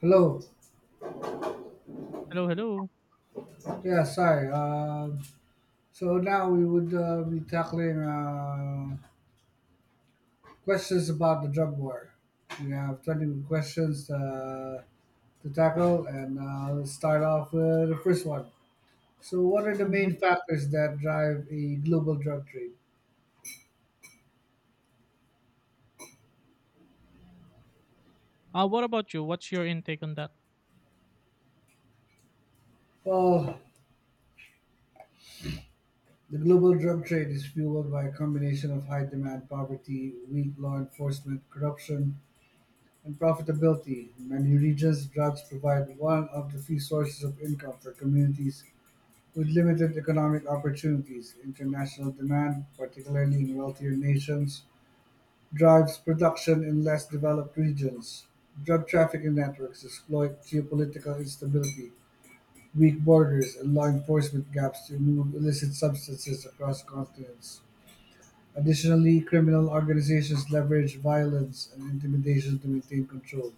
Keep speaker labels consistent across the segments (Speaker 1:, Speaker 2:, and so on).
Speaker 1: Hello.
Speaker 2: Hello, hello.
Speaker 1: Yeah, sorry. So now we would be tackling questions about the drug war. We have 20 questions to tackle, and let's start off with the first one. So, what are the
Speaker 2: Mhm.
Speaker 1: main factors that drive a global drug trade?
Speaker 2: What about you? What's your intake on that?
Speaker 1: Well, the global drug trade is fueled by a combination of high demand, poverty, weak law enforcement, corruption, and profitability. In many regions, drugs provide one of the few sources of income for communities with limited economic opportunities. International demand, particularly in wealthier nations, drives production in less developed regions. Drug trafficking networks exploit geopolitical instability, weak borders, and law enforcement gaps to move illicit substances across continents. Additionally, criminal organizations leverage violence and intimidation to maintain control.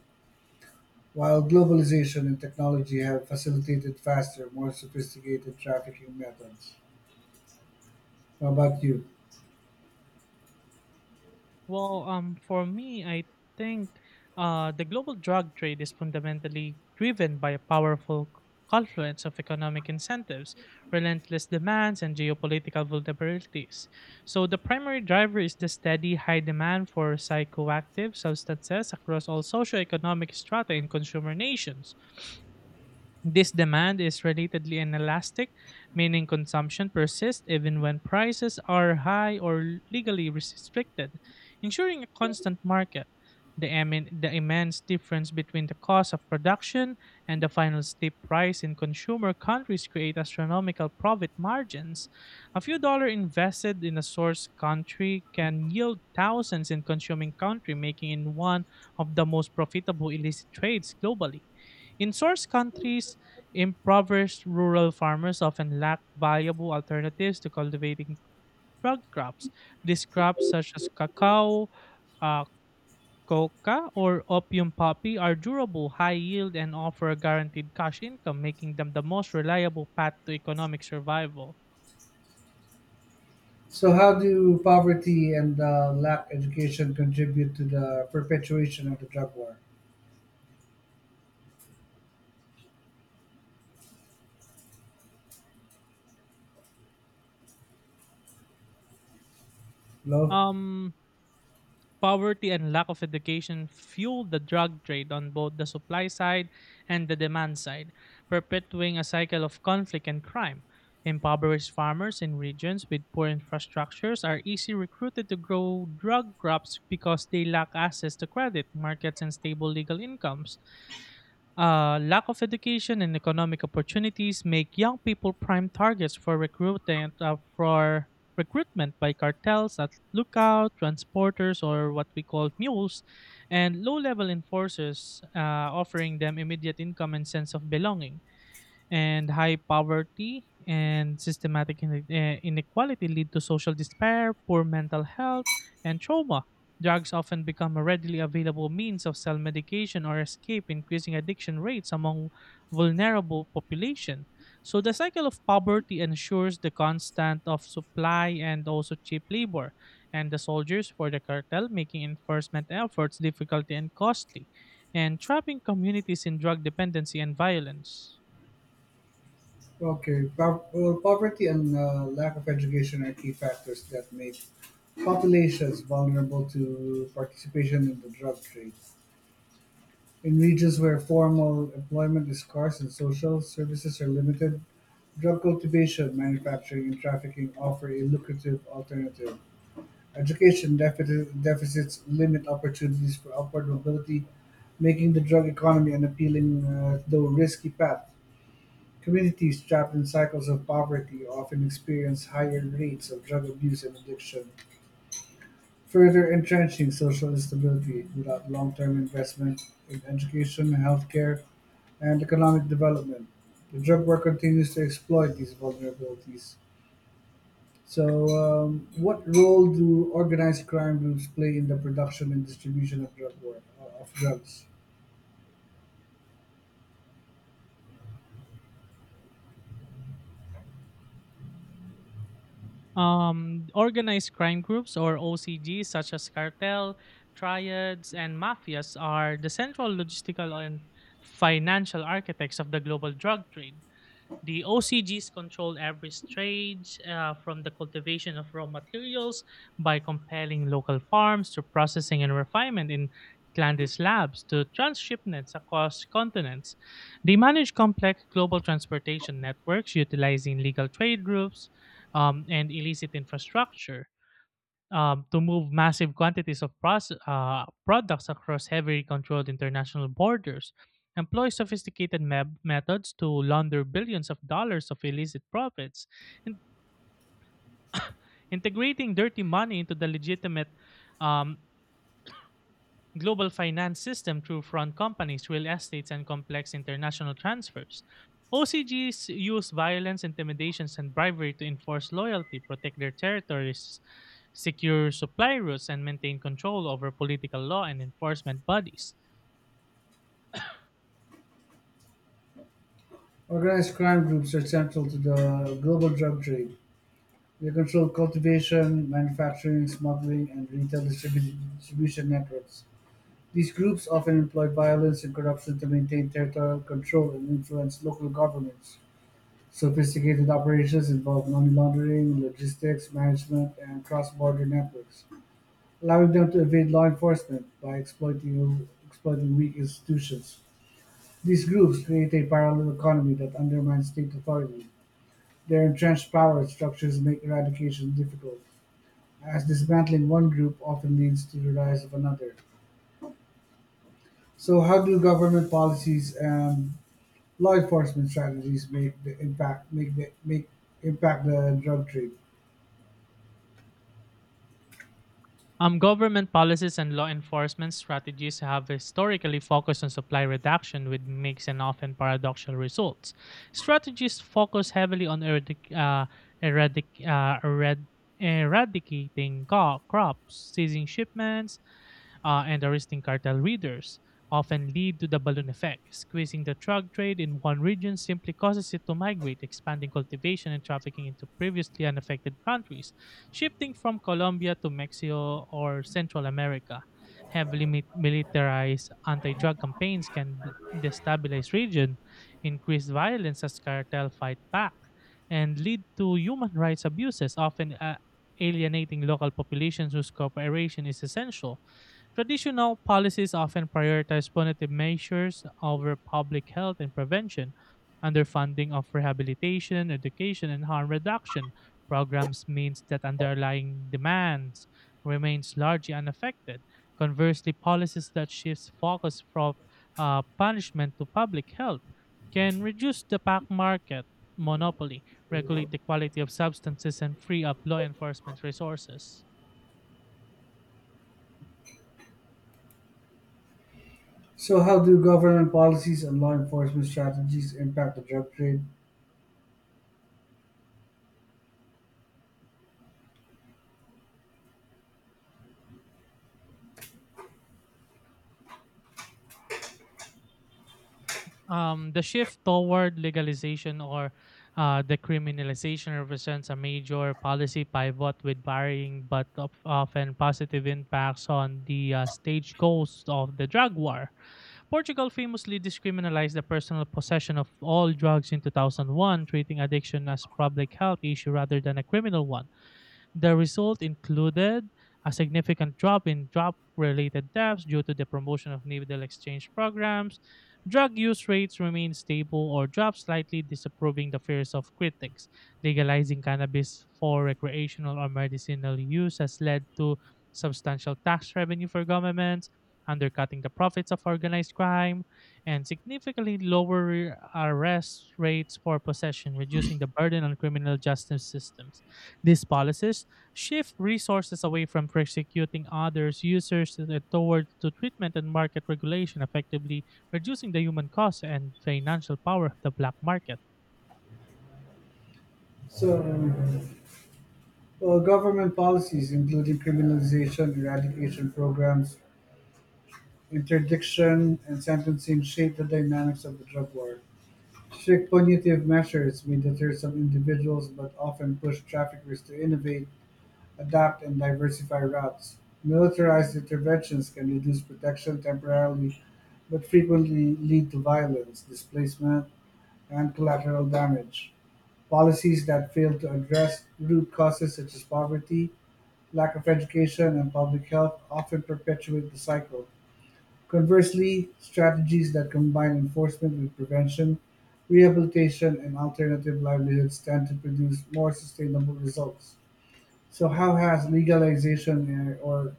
Speaker 1: While globalization and technology have facilitated faster, more sophisticated trafficking methods. How about you?
Speaker 2: Well, for me, I think the global drug trade is fundamentally driven by a powerful confluence of economic incentives, relentless demands, and geopolitical vulnerabilities. So, the primary driver is the steady high demand for psychoactive substances across all socioeconomic strata in consumer nations. This demand is relatively inelastic, meaning consumption persists even when prices are high or legally restricted, ensuring a constant market. The immense difference between the cost of production and the final steep price in consumer countries create astronomical profit margins. A few dollars invested in a source country can yield thousands in consuming country, making it one of the most profitable illicit trades globally. In source countries, impoverished rural farmers often lack valuable alternatives to cultivating drug crops. These crops, such as cacao, uh, coca, or opium poppy, are durable, high yield, and offer a guaranteed cash income, making them the most reliable path to economic survival.
Speaker 1: So, how do poverty and lack education contribute to the perpetuation of the drug war? Love.
Speaker 2: Um, Poverty and lack of education fueled the drug trade on both the supply side and the demand side, perpetuating a cycle of conflict and crime. Impoverished farmers in regions with poor infrastructures are easily recruited to grow drug crops because they lack access to credit, markets, and stable legal incomes. Lack of education and economic opportunities make young people prime targets for recruitment by cartels that look out transporters, or what we call mules, and low-level enforcers, offering them immediate income and sense of belonging, and high poverty and systematic inequality lead to social despair, poor mental health, and trauma. Drugs often become a readily available means of self medication or escape, increasing addiction rates among vulnerable population. So the cycle of poverty ensures the constant of supply and also cheap labor, and the soldiers for the cartel making enforcement efforts difficult and costly, and trapping communities in drug dependency and violence.
Speaker 1: Well, poverty and lack of education are key factors that make populations vulnerable to participation in the drug trade. In regions where formal employment is scarce and social services are limited, drug cultivation, manufacturing and trafficking offer a lucrative alternative. Deficits limit opportunities for upward mobility, making the drug economy an appealing though risky path. Communities trapped in cycles of poverty often experience higher rates of drug abuse and addiction, further entrenching social instability without long term investment in education, healthcare, and economic development. The drug war continues to exploit these vulnerabilities. So, what role do organized crime groups play in the production and distribution of drug war, of drugs?
Speaker 2: Organized crime groups or OCGs such as cartel, triads, and mafias are the central logistical and financial architects of the global drug trade. The OCGs control average trades from the cultivation of raw materials by compelling local farms to processing and refinement in Landis labs to transshipments across continents. They manage complex global transportation networks utilizing legal trade routes, and illicit infrastructure, to move massive quantities of products across heavily controlled international borders, employ sophisticated methods to launder billions of dollars of illicit profits, and integrating dirty money into the legitimate, um, global finance system through front companies, real estates, and complex international transfers. OCGs use violence, intimidations, and bribery to enforce loyalty, protect their territories, secure supply routes, and maintain control over political law and enforcement bodies.
Speaker 1: Organized crime groups are central to the global drug trade. They control cultivation, manufacturing, smuggling, and distribution networks. These groups often employ violence and corruption to maintain territorial control and influence local governments. Sophisticated operations involve money laundering, logistics, management, and cross border networks, allowing them to evade law enforcement by exploiting weak institutions. These groups create a parallel economy that undermines state authority. Their entrenched power structures make eradication difficult, as dismantling one group often leads to the rise of another. So, how do government policies and law enforcement strategies make the impact make the make impact the drug trade?
Speaker 2: Government policies and law enforcement strategies have historically focused on supply reduction with mixed and often paradoxical results. Strategies focus heavily on eradic- uh, erad- eradicating crops, seizing shipments, and arresting cartel leaders often lead to the balloon effect. Squeezing the drug trade in one region simply causes it to migrate, expanding cultivation and trafficking into previously unaffected countries, shifting from Colombia to Mexico or Central America. Heavily militarized anti-drug campaigns can destabilize region, increase violence as cartel fight back, and lead to human rights abuses, often alienating local populations whose cooperation is essential. Traditional policies often prioritize punitive measures over public health and prevention. Underfunding of rehabilitation, education, and harm reduction programs means that underlying demands remains largely unaffected. Conversely, policies that shifts focus from punishment to public health can reduce the pack market monopoly, regulate the quality of substances, and free up law enforcement resources.
Speaker 1: So, how do government policies and law enforcement strategies impact the drug trade?
Speaker 2: The shift toward legalization or decriminalization represents a major policy pivot with varying but often positive impacts on the stage goals of the drug war. Portugal famously decriminalized the personal possession of all drugs in 2001, treating addiction as a public health issue rather than a criminal one. The result included a significant drop in drug related deaths due to the promotion of needle exchange programs. Drug use rates remained stable or dropped slightly, disapproving the fears of critics. Legalizing cannabis for recreational or medicinal use has led to substantial tax revenue for governments, undercutting the profits of organized crime, and significantly lower arrest rates for possession, reducing the burden on criminal justice systems. These policies shift resources away from persecuting others users and toward to treatment and market regulation, effectively reducing the human cost and financial power of the black market.
Speaker 1: So. Well, government policies including criminalization, eradication programs, interdiction, and sentencing shape the dynamics of the drug war. Strict punitive measures may deter some individuals but often push traffickers to innovate, adapt, and diversify routes. Militarized interventions can reduce protection temporarily but frequently lead to violence, displacement, and collateral damage. Policies that fail to address root causes such as poverty, lack of education and public health often perpetuate the cycle. Conversely, strategies that combine enforcement with prevention, rehabilitation, and alternative livelihoods tend to produce more sustainable results. So, how has legalization or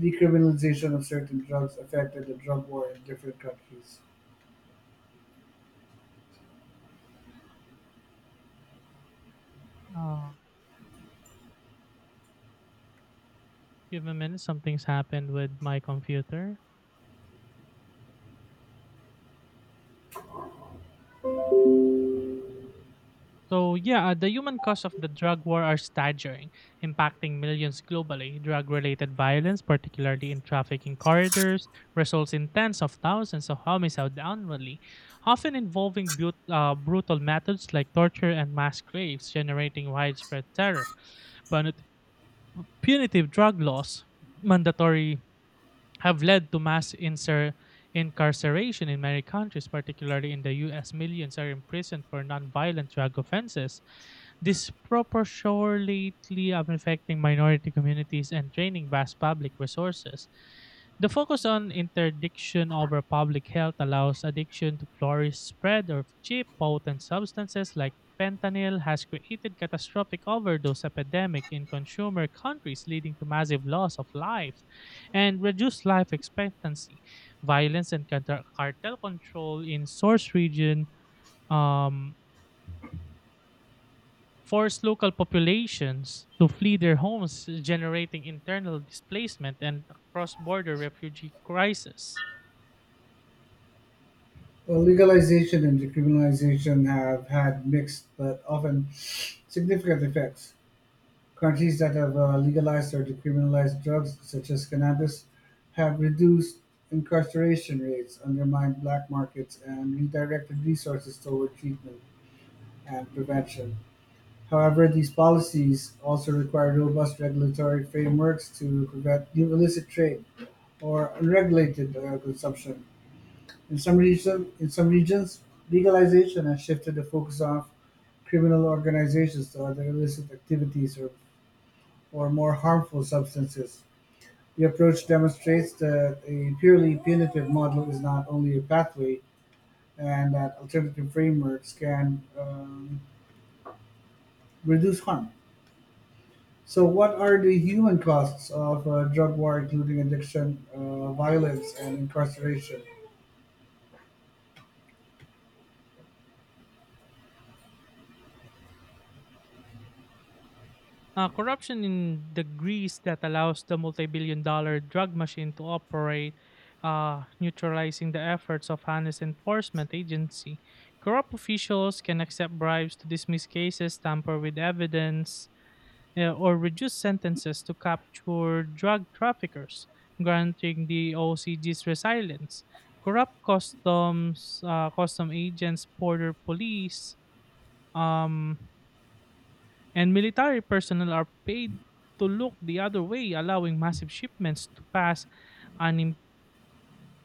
Speaker 1: decriminalization of certain drugs affected the drug war in different countries?
Speaker 2: Oh, give me a minute, something's happened with my computer. So yeah, the human costs of the drug war are staggering, impacting millions globally. Drug-related violence, particularly in trafficking corridors, results in tens of thousands of homicides annually, often involving brutal methods like torture and mass graves, generating widespread terror. But punitive drug laws, mandatory, have led to mass incarceration in many countries, particularly in the U.S. Millions are imprisoned for non-violent drug offenses, disproportionately affecting minority communities and draining vast public resources. The focus on interdiction over public health allows addiction to flourish. Spread of cheap, potent substances like fentanyl has created catastrophic overdose epidemic in consumer countries leading to massive loss of life and reduced life expectancy. Violence and cartel control in source region, um, forced local populations to flee their homes, generating internal displacement and a cross-border refugee crisis.
Speaker 1: Well, legalization and decriminalization have had mixed but often significant effects. Countries that have legalized or decriminalized drugs, such as cannabis, have reduced incarceration rates, undermined black markets, and redirected resources toward treatment and prevention. However, these policies also require robust regulatory frameworks to prevent new illicit trade or unregulated consumption. In some regions, legalization has shifted the focus of criminal organizations to other illicit activities or more harmful substances. The approach demonstrates that a purely punitive model is not only a pathway and that alternative frameworks can reduce harm. So, what are the human costs of a drug war, including addiction, violence, and incarceration?
Speaker 2: Corruption in the Greece that allows the multi-billion-dollar drug machine to operate, neutralizing the efforts of honest enforcement agency. Corrupt officials can accept bribes to dismiss cases, tamper with evidence, or reduce sentences to capture drug traffickers, granting the OCG's resilience. Corrupt customs, custom agents, border police, um, and military personnel are paid to look the other way, allowing massive shipments to pass unim-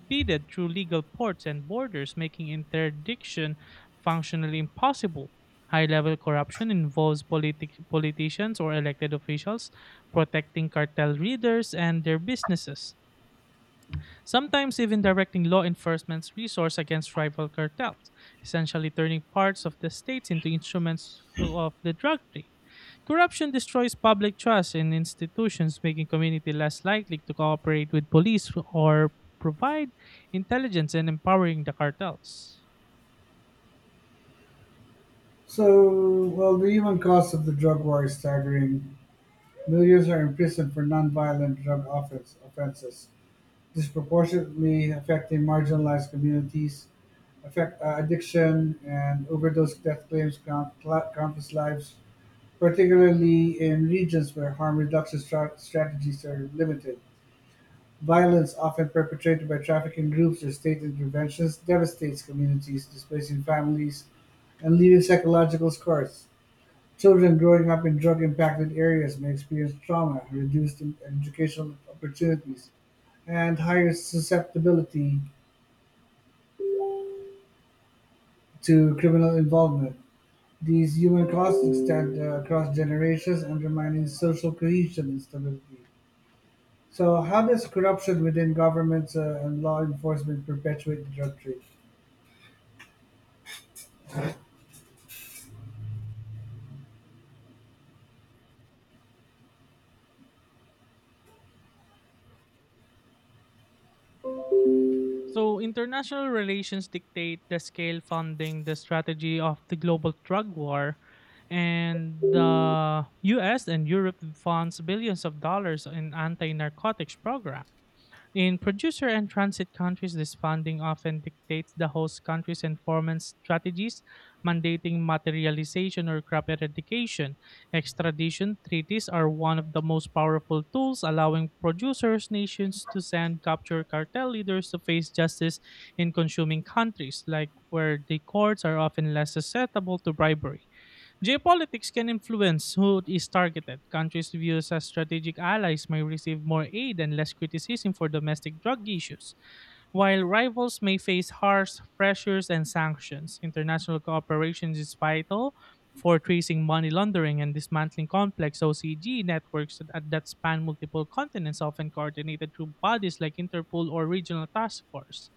Speaker 2: impeded through legal ports and borders, making interdiction functionally impossible. High level corruption involves politicians or elected officials protecting cartel leaders and their businesses, sometimes even directing law enforcement's resource against rival cartels, essentially turning parts of the states into instruments of the drug trade. Corruption destroys public trust in institutions, making community less likely to cooperate with police or provide intelligence and empowering the cartels.
Speaker 1: So, well, the human cost of the drug war is staggering. Millions are imprisoned for nonviolent offenses, disproportionately affecting marginalized communities, addiction and overdose death claims countless lives, particularly in regions where harm reduction strategies are limited. Violence, often perpetrated by trafficking groups or state interventions, devastates communities, displacing families and leaving psychological scars. Children growing up in drug impacted areas may experience trauma, educational opportunities, and higher susceptibility to criminal involvement. These human costs extend across generations, undermining social cohesion and stability. So, how does corruption within governments and law enforcement perpetuate the drug trade?
Speaker 2: So, international relations dictate the scale, funding, the strategy of the global drug war, and the US and Europe funds billions of dollars in anti narcotics programs. In producer and transit countries, this funding often dictates the host country's enforcement strategies, mandating materialization or crop eradication. Extradition treaties are one of the most powerful tools, allowing producers' nations to send captured cartel leaders to face justice in consuming countries, like where the courts are often less susceptible to bribery. Geopolitics can influence who is targeted. Countries viewed as strategic allies may receive more aid and less criticism for domestic drug issues, while rivals may face harsh pressures and sanctions. International cooperation is vital for tracing money laundering and dismantling complex OCG networks that span multiple continents, often coordinated through bodies like Interpol or regional task force.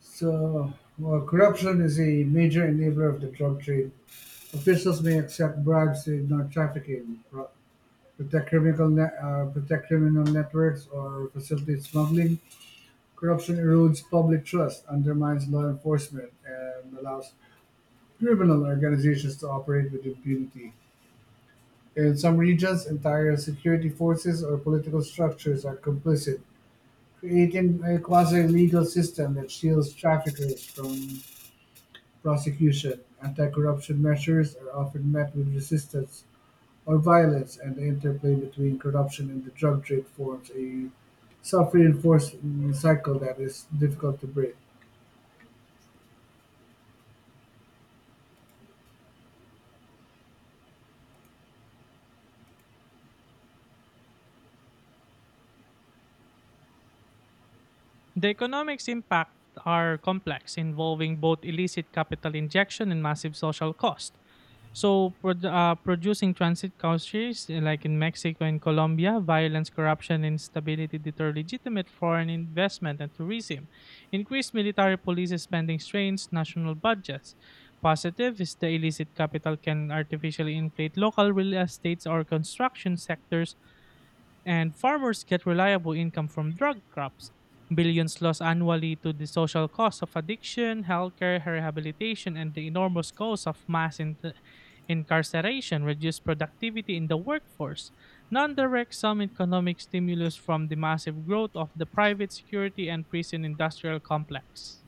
Speaker 1: So, well, corruption is a major enabler of the drug trade. Officials may accept bribes to ignore trafficking, protect criminal networks, or facilitate smuggling. Corruption erodes public trust, undermines law enforcement, and allows criminal organizations to operate with impunity. In some regions, entire security forces or political structures are complicit, creating a quasi-legal system that shields traffickers from prosecution. Anti-corruption measures are often met with resistance or violence, and the interplay between corruption and the drug trade forms a self-reinforcing cycle that is difficult to break.
Speaker 2: The economics impact are complex, involving both illicit capital injection and massive social cost. So, producing transit countries like in Mexico and Colombia, violence, corruption, and instability deter legitimate foreign investment and tourism. Increased military police spending strains national budgets. Positive is the illicit capital can artificially inflate local real estates or construction sectors, and farmers get reliable income from drug crops. Billions lost annually to the social cost of addiction, healthcare, rehabilitation, and the enormous cost of mass incarceration reduce productivity in the workforce. Non direct some economic stimulus from the massive growth of the private security and prison industrial complex.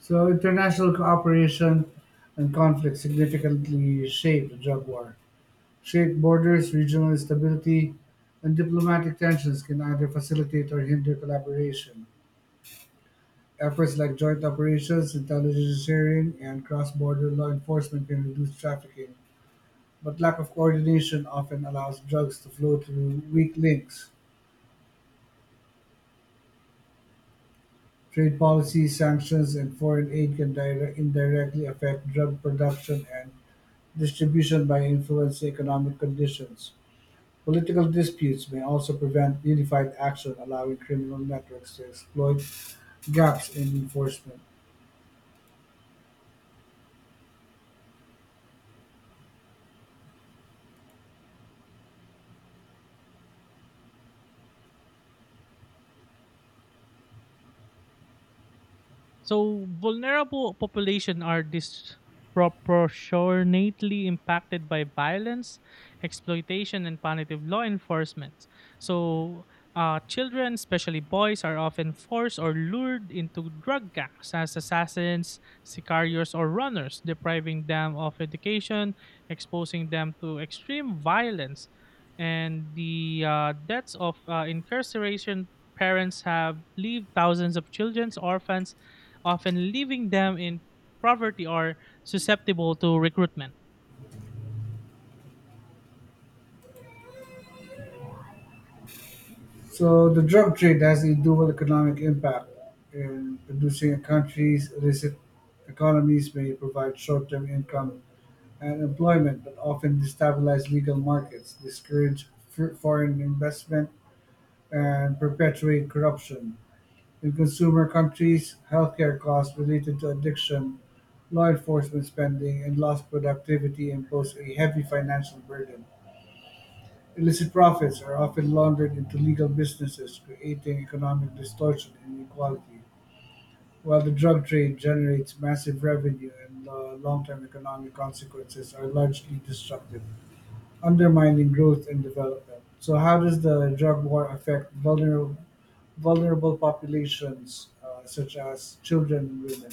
Speaker 1: So international cooperation and conflict significantly shape the drug war. Shared borders, regional instability, and diplomatic tensions can either facilitate or hinder collaboration. Efforts like joint operations, intelligence sharing, and cross-border law enforcement can reduce trafficking, but lack of coordination often allows drugs to flow through weak links. Trade policy, sanctions, and foreign aid can indirectly affect drug production and distribution by influencing economic conditions. Political disputes may also prevent unified action, allowing criminal networks to exploit gaps in enforcement.
Speaker 2: So vulnerable population are disproportionately impacted by violence, exploitation, and punitive law enforcement. So children, especially boys, are often forced or lured into drug gangs as assassins, sicarios, or runners, depriving them of education, exposing them to extreme violence, and the deaths of incarceration parents have leave thousands of children orphans, often leaving them in poverty or susceptible to recruitment.
Speaker 1: So the drug trade has a dual economic impact. In producing a country's illicit economies may provide short-term income and employment, but often destabilize legal markets, discourage foreign investment, and perpetuate corruption. In consumer countries, healthcare costs related to addiction, law enforcement spending, and lost productivity impose a heavy financial burden. Illicit profits are often laundered into legal businesses, creating economic distortion and inequality, while the drug trade generates massive revenue and the long term economic consequences are largely destructive, undermining growth and development. So, how does the drug war affect vulnerable populations, such as children and women?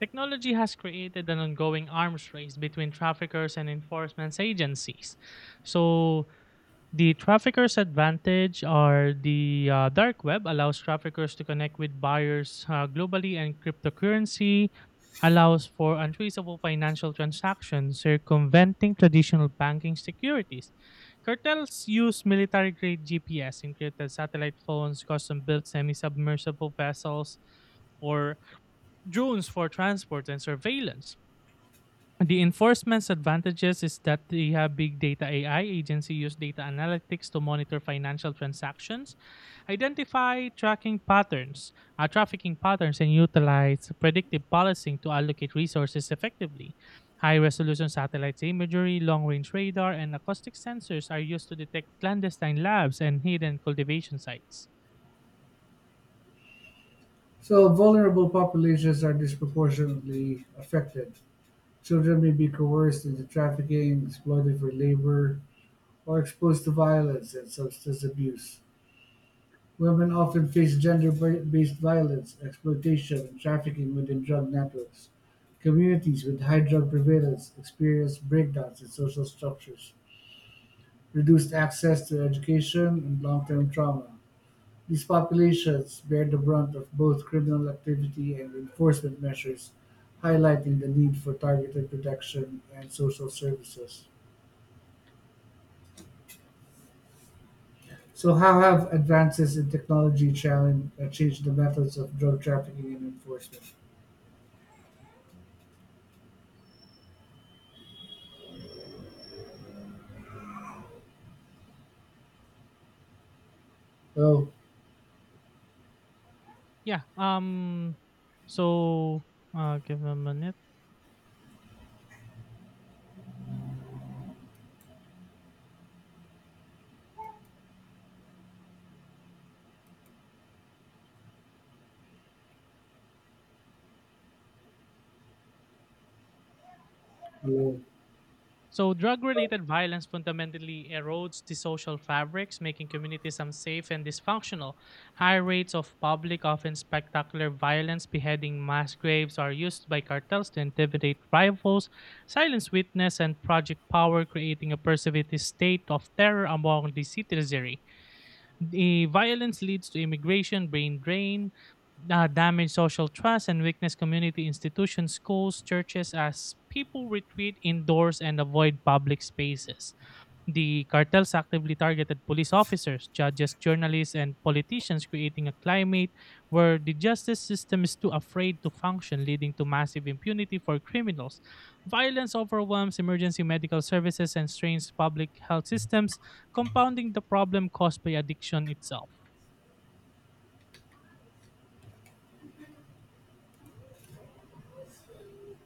Speaker 2: Technology has created an ongoing arms race between traffickers and enforcement agencies. So, the trafficker's advantage are the dark web allows traffickers to connect with buyers globally, and cryptocurrency allows for untraceable financial transactions, circumventing traditional banking securities. Cartels use military grade GPS, encrypted satellite phones, custom built semi submersible vessels, or drones for transport and surveillance. The enforcement's advantages is that they have big data AI agency use data analytics to monitor financial transactions, identify tracking patterns, trafficking patterns, and utilize predictive policing to allocate resources effectively. High-resolution satellite imagery, long-range radar, and acoustic sensors are used to detect clandestine labs and hidden cultivation sites.
Speaker 1: So, vulnerable populations are disproportionately affected. Children may be coerced into trafficking, exploited for labor, or exposed to violence and substance abuse. Women often face gender based violence, exploitation, and trafficking within drug networks. Communities with high drug prevalence experience breakdowns in social structures, reduced access to education, and long term trauma. These populations bear the brunt of both criminal activity and enforcement measures, highlighting the need for targeted protection and social services. So, how have advances in technology changed the methods of drug trafficking and enforcement? Oh,
Speaker 2: Yeah. So, give me a minute.
Speaker 1: hello.
Speaker 2: So, drug related violence fundamentally erodes the social fabrics, making communities unsafe and dysfunctional. High rates of public, often spectacular violence, beheading mass graves are used by cartels to intimidate rivals, silence witness, and project power, creating a pervasive state of terror among the citizenry. The violence leads to immigration, brain drain, damage social trust, and weakness community institutions, schools, churches, as people retreat indoors and avoid public spaces. The cartels actively targeted police officers, judges, journalists, and politicians, creating a climate where the justice system is too afraid to function, leading to massive impunity for criminals. Violence overwhelms emergency medical services and strains public health systems, compounding the problem caused by addiction itself.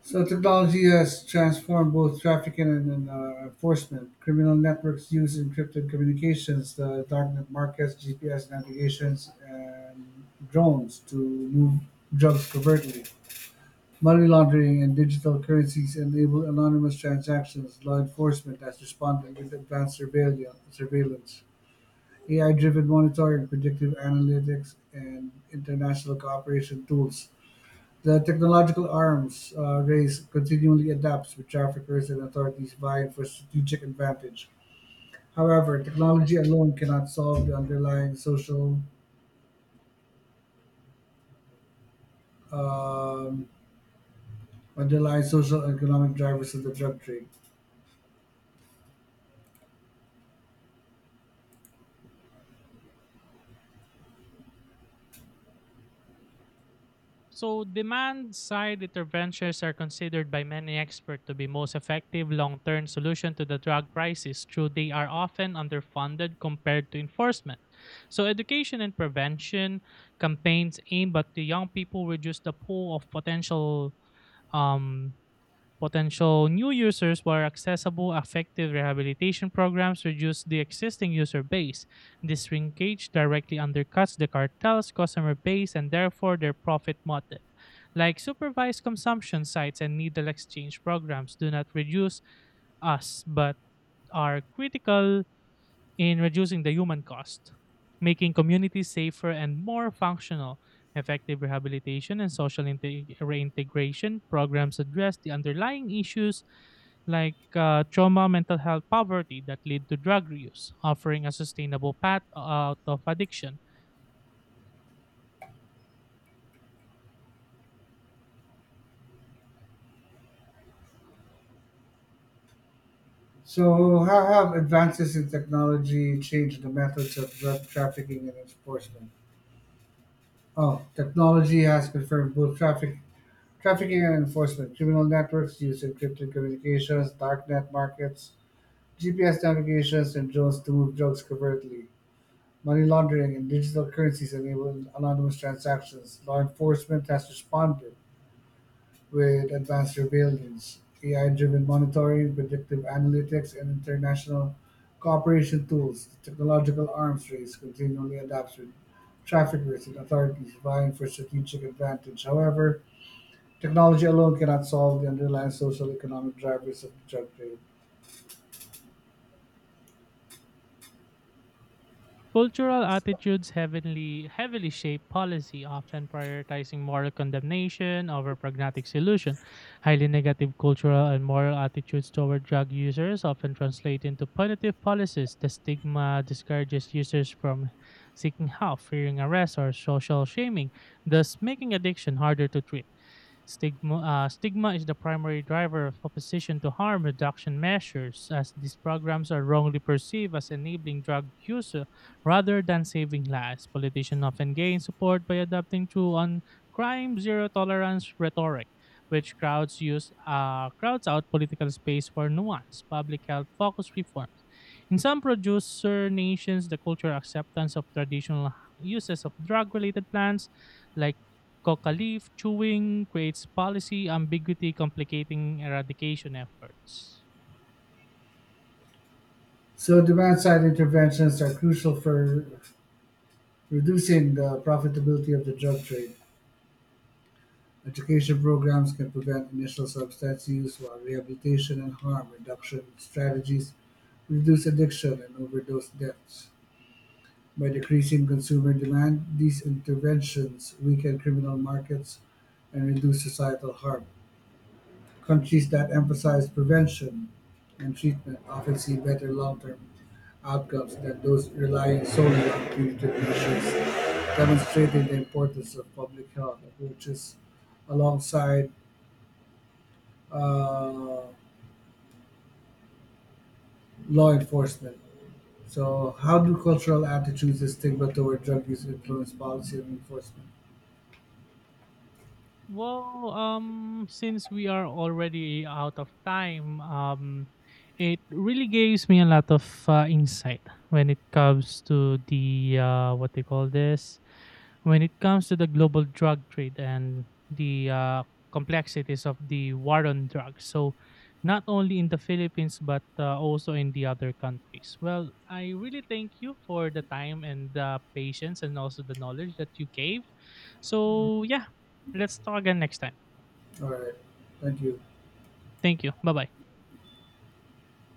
Speaker 1: So technology has transformed both trafficking and enforcement. Criminal networks use encrypted communications, the darknet markets, GPS navigations, and drones to move drugs covertly. Money laundering and digital currencies enable anonymous transactions. Law enforcement has responded with surveillance, AI driven monitoring, predictive analytics, and international cooperation tools. The technological arms race continually adapts, with traffickers and authorities vying for strategic advantage. However, technology alone cannot solve the um, underlying social and economic drivers of the drug trade.
Speaker 2: So, demand side interventions are considered by many experts to be most effective long term solution to the drug crisis, though they are often underfunded compared to enforcement. So, education and prevention campaigns aimed at the young people reduce the pool of potential um, Potential new users where accessible, effective rehabilitation programs reduce the existing user base. This shrinkage directly undercuts the cartel's customer base and therefore their profit motive. Like supervised consumption sites and needle exchange programs do not reduce us but are critical in reducing the human cost, making communities safer and more functional. Effective rehabilitation and social reintegration programs address the underlying issues like trauma, mental health, poverty that lead to drug use, offering a sustainable path out of addiction.
Speaker 1: So, how have advances in technology changed the methods of drug trafficking and enforcement? Oh, technology has confirmed trafficking and enforcement. Criminal networks use encrypted communications, darknet markets, GPS navigations and drones to move drugs covertly. Money laundering and digital currencies enable anonymous transactions. Law enforcement has responded with advanced surveillance, AI driven monitoring, predictive analytics, and international cooperation tools. The technological arms race continually adapts with traffickers and authorities vying for strategic advantage. However, technology alone cannot solve the underlying social economic drivers of the drug trade.
Speaker 2: Cultural attitudes heavily shape policy, often prioritizing moral condemnation over pragmatic solution. Highly negative cultural and moral attitudes toward drug users often translate into punitive policies. The stigma discourages users from seeking help, fearing arrest, or social shaming, thus making addiction harder to treat. Stigma is the primary driver of opposition to harm reduction measures, as these programs are wrongly perceived as enabling drug use rather than saving lives. Politicians often gain support by adopting true on crime zero tolerance rhetoric, which crowds out political space for nuance, public health focused reforms. In some producer nations, the cultural acceptance of traditional uses of drug related plants like Coca leaf chewing creates policy ambiguity, complicating eradication efforts.
Speaker 1: So demand side interventions are crucial for reducing the profitability of the drug trade. Education programs can prevent initial substance use, while rehabilitation and harm reduction strategies reduce addiction and overdose deaths. By decreasing consumer demand, these interventions weaken criminal markets and reduce societal harm. Countries that emphasize prevention and treatment often see better long term outcomes than those relying solely on punitive measures, demonstrating the importance of public health approaches alongside uh, law enforcement. So, how do cultural attitudes and stigma toward drug use influence policy and enforcement?
Speaker 2: Well, since we are already out of time, it really gives me a lot of insight when it comes to the what they call this when it comes to the global drug trade and the complexities of the war on drugs. So, not only in the Philippines but also in the other countries. Well, I really thank you for the time and the patience and also the knowledge that you gave. So, yeah, let's talk again next time.
Speaker 1: All right, thank you.
Speaker 2: Thank you. Bye bye.